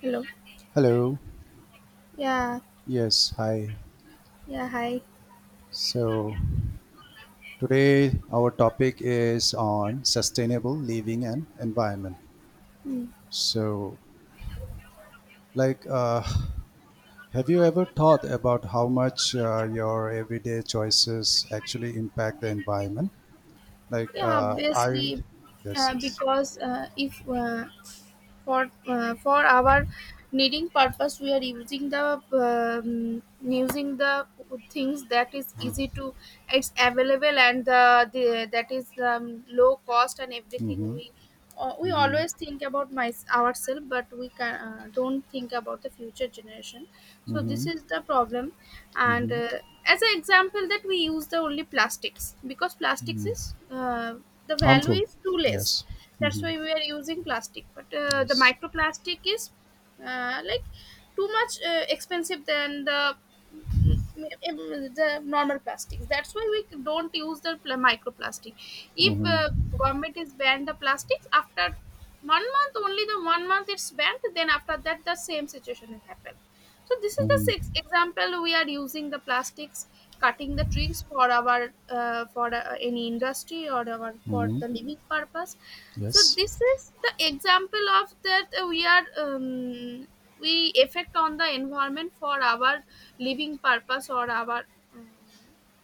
Hello. Hello. Yeah. Yes, hi. Yeah. Hi. So today our topic is on sustainable living and environment. Mm. So, like, uh, have you ever thought about how much your everyday choices actually impact the environment? Like, Yeah. uh, I, yes, Obviously, yes. because if for for our needing purpose we are um, using the things that is easy to it's available and the that is low cost and everything Mm-hmm. We always think about my ourselves but we can, don't think about the future generation, so Hmm. this is the problem. And as an example that we use the only plastics because plastics is the value Harmful. is too less, Yes. that's Mm-hmm. why we are using plastic. But the Yes. microplastic is like too much expensive than the the normal plastics, that's why we don't use the microplastic. If government is banned the plastics after one month, only the one month it's banned, then after that the same situation will happen. So this is the Mm-hmm. sixth example. We are using the plastics, cutting the trees for our for any industry or our for Mm-hmm. the living purpose. So Yes. this is the example of that we are we effect on the environment for our living purpose or our um,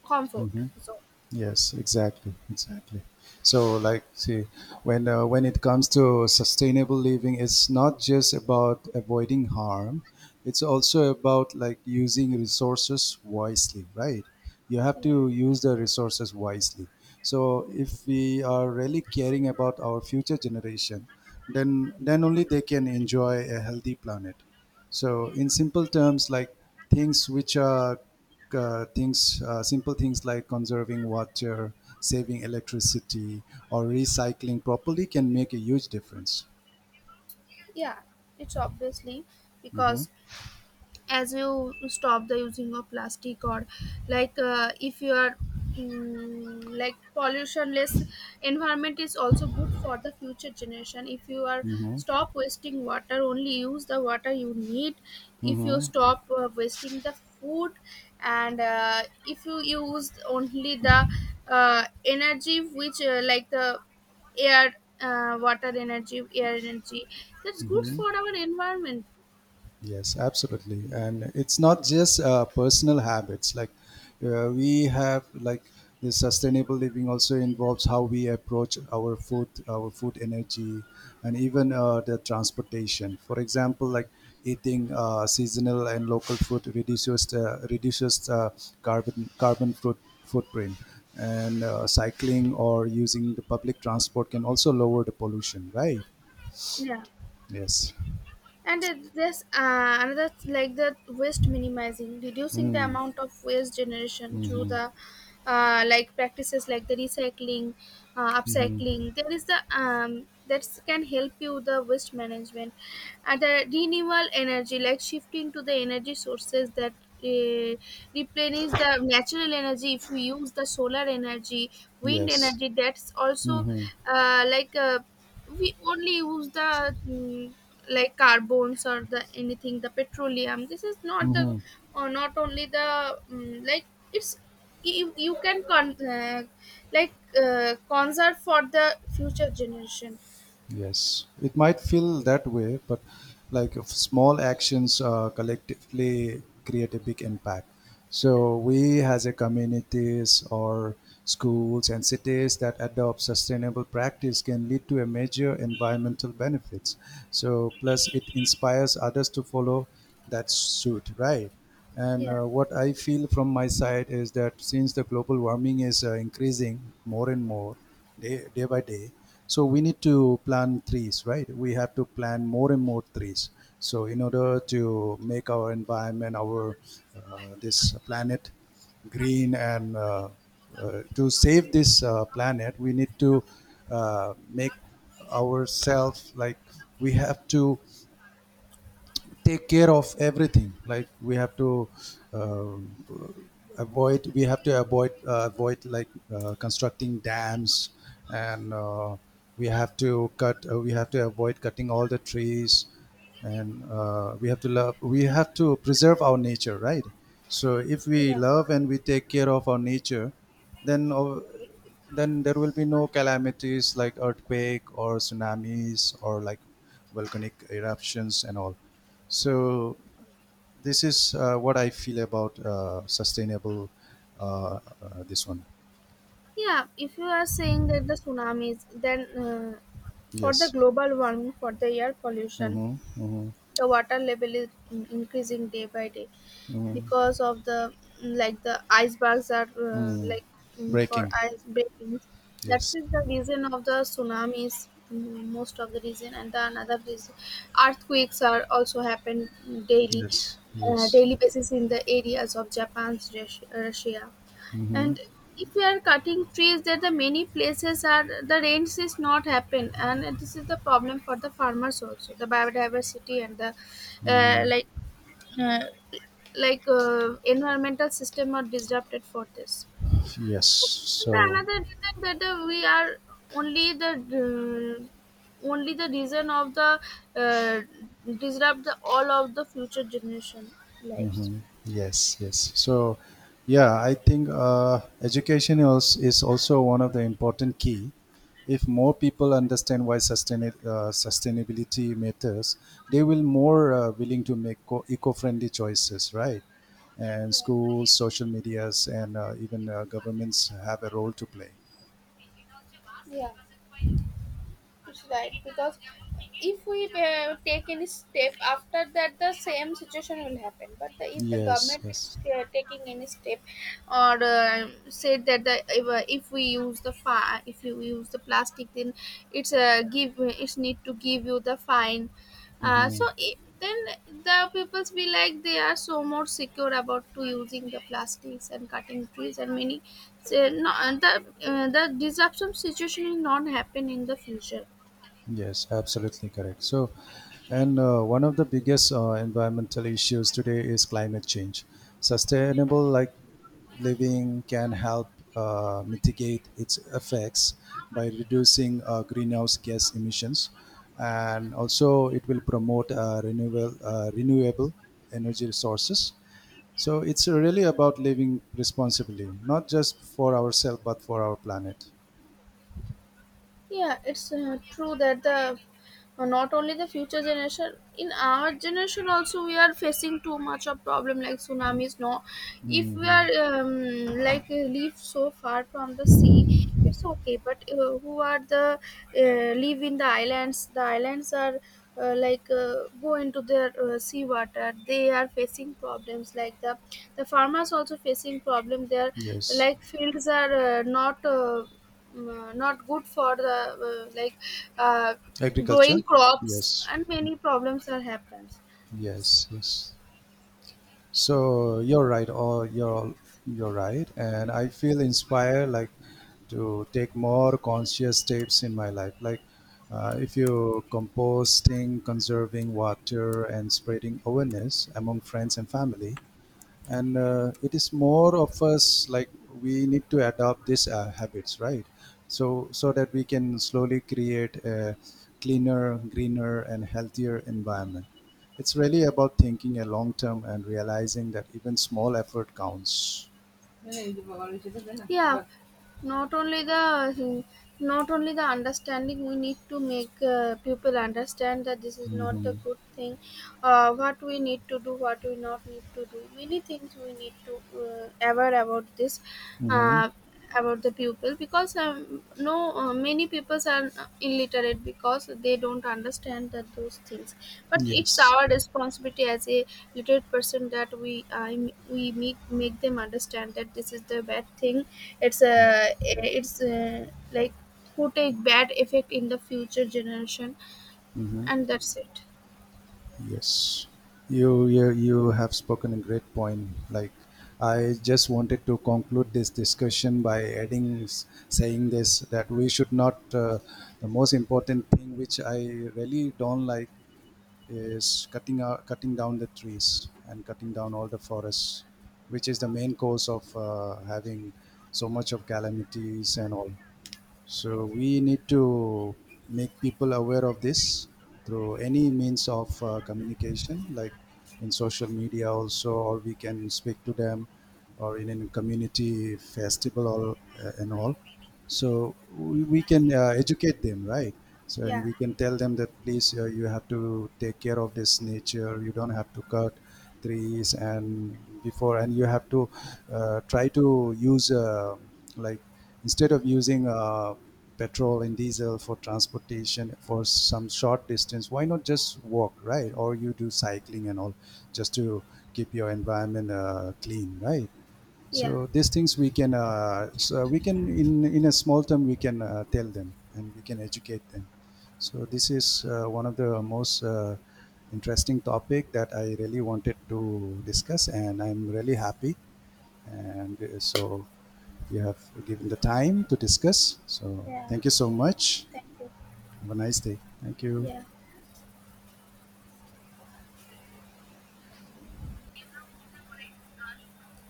comfort Mm-hmm. zone. Yes, exactly, exactly. So, like, see, when it comes to sustainable living, it's not just about avoiding harm. It's also about like using resources wisely, right? You have Yeah, to use the resources wisely. So, if we are really caring about our future generation, then only they can enjoy a healthy planet. So, in simple terms, like things which are things, simple things like conserving water, saving electricity, or recycling properly can make a huge difference. yeah, it's obviously because as you stop the using of plastic or like if you are like pollutionless environment is also good for the future generation. If you are stop wasting water, only use the water you need. If you Hmm. stop wasting the food. And if you use only the energy which like the air water energy, air energy, that's good Hmm. for our environment. Yes, absolutely. And it's not just personal habits. Like we have like the sustainable living also involves how we approach our food energy, and even the transportation. For example, like eating seasonal and local food reduces the carbon carbon foot, footprint, and cycling or using the public transport can also lower the pollution. Right? Yeah, Yes. and it- there's another like the waste minimizing, reducing the Mm, amount of waste generation through the like practices like the recycling, upcycling, there is the that can help you the waste management. And the renewable energy, like shifting to the energy sources that uh, replenish the natural energy. If we use the solar energy, wind yes. energy, that's also Mm-hmm. uh, like uh, we only use the like carbons or the anything, the petroleum, this is not the, Hmm. or not only the like, it's you can con like conserve for the future generation. Yes, it might feel that way, but like if small actions collectively create a big impact. So we as a communities or schools and cities that adopt sustainable practice can lead to a major environmental benefits. So plus it inspires others to follow that suit, right? And Yeah. What I feel from my side is that since the global warming is increasing more and more, day by day. So we need to plant trees, right? We have to plant more and more trees. So in order to make our environment, our this planet green and to save this planet, we need to make ourselves like we have to take care of everything like we have to um, avoid we have to avoid like constructing dams and we have to avoid cutting all the trees and we have to preserve our nature, right? So if we Yeah. love and we take care of our nature, then uh, then there will be no calamities like earthquake or tsunamis or like volcanic eruptions and all. So this is what I feel about sustainable. This one, Yeah, if you are saying that the tsunamis, then for the yes. global warming, for the air pollution, Mm-hmm. Mm-hmm. the water level is increasing day by day Mm-hmm. because of the like the icebergs are Mm-hmm. like for Breaking, ice breakings, that yes, is the reason of the tsunamis, mm, most of the reason. And the another reason, earthquakes are also happen daily, yes, yes, daily basis in the areas of Japan, Russia. mm-hmm. And if we are cutting trees there, the many places are the rains is not happen, and this is the problem for the farmers also, the biodiversity and the uh, like uh, environmental system are disrupted for this. Yes. This is the So another reason that we are only the uh, only the reason of the uh, disrupt the all of the future generation lives. yes, yes. So, yeah, I think education is also one of the important key. If more people understand why sustainability matters, they will more willing to make eco-friendly choices, right? And schools, social medias, and even governments have a role to play. Yeah. It's right because if we take any step, after that the same situation will happen. But the, if the Yes, government yes. is taking any step or said that the if we use the if you use the plastic, then it's give it's need to give you the fine, so Mhm. I, then the peoples be like they are so more secure about to using the plastics and cutting trees and many. So, no, and the disruption situation will not happen in the future. Yes, absolutely correct. So, and one of the biggest environmental issues today is climate change. Sustainable like living can help mitigate its effects by reducing greenhouse gas emissions, and also it will promote renewable energy sources. So it's really about living responsibly, not just for ourselves but for our planet. Yeah, it's true that the not only the future generation, in our generation also we are facing too much of problem like tsunamis, no. If Mm, we are like live so far from the sea, it's okay. But who are the live in the islands, the islands are like go into their sea water, they are facing problems like the farmers also facing problem. Their yes, like fields are not not good for the uh, like uh, agriculture. growing crops, Yes. and many problems are happens. Yes, yes. So you're right, or you're all- you're right, and I feel inspired like to take more conscious steps in my life. Like if you composting, conserving water, and spreading awareness among friends and family, and it is more of us like we need to adopt these habits, right? So so that we can slowly create a cleaner, greener and healthier environment. It's really about thinking a long term and realizing that even small effort counts. Yeah, not only the, not only the understanding, we need to make people understand that this is not the Hmm. good thing. What we need to do, what we not need to do, many things we need to aware about this, Hmm. uh, about the pupil. Because no, many people are illiterate, because they don't understand that those things. But it's Yes. our responsibility as a literate person that we make them understand that this is the bad thing. It's a like put a bad effect in the future generation. Hmm. And that's it. Yes, you have spoken a great point. Like I just wanted to conclude this discussion by saying this that we should not. The most important thing which I really don't like is cutting down the trees and cutting down all the forests, which is the main cause of having so much of calamities and all. So we need to make people aware of this through any means of communication, like in social media also, or we can speak to them, or in a community festival or, and all. So we can educate them, right? So and Yeah. we can tell them that please you have to take care of this nature. You don't have to cut trees and before, and you have to try to use like instead of using petrol and diesel for transportation for some short distance, why not just walk, right? Or you do cycling and all, just to keep your environment clean, right? Yeah. So these things so we can in a small term we can tell them and we can educate them. So this is one of the most interesting topic that I really wanted to discuss, and I'm really happy. And so you have given the time to discuss. So Yeah, thank you so much. thank you. Have a nice day. Thank you. Yeah.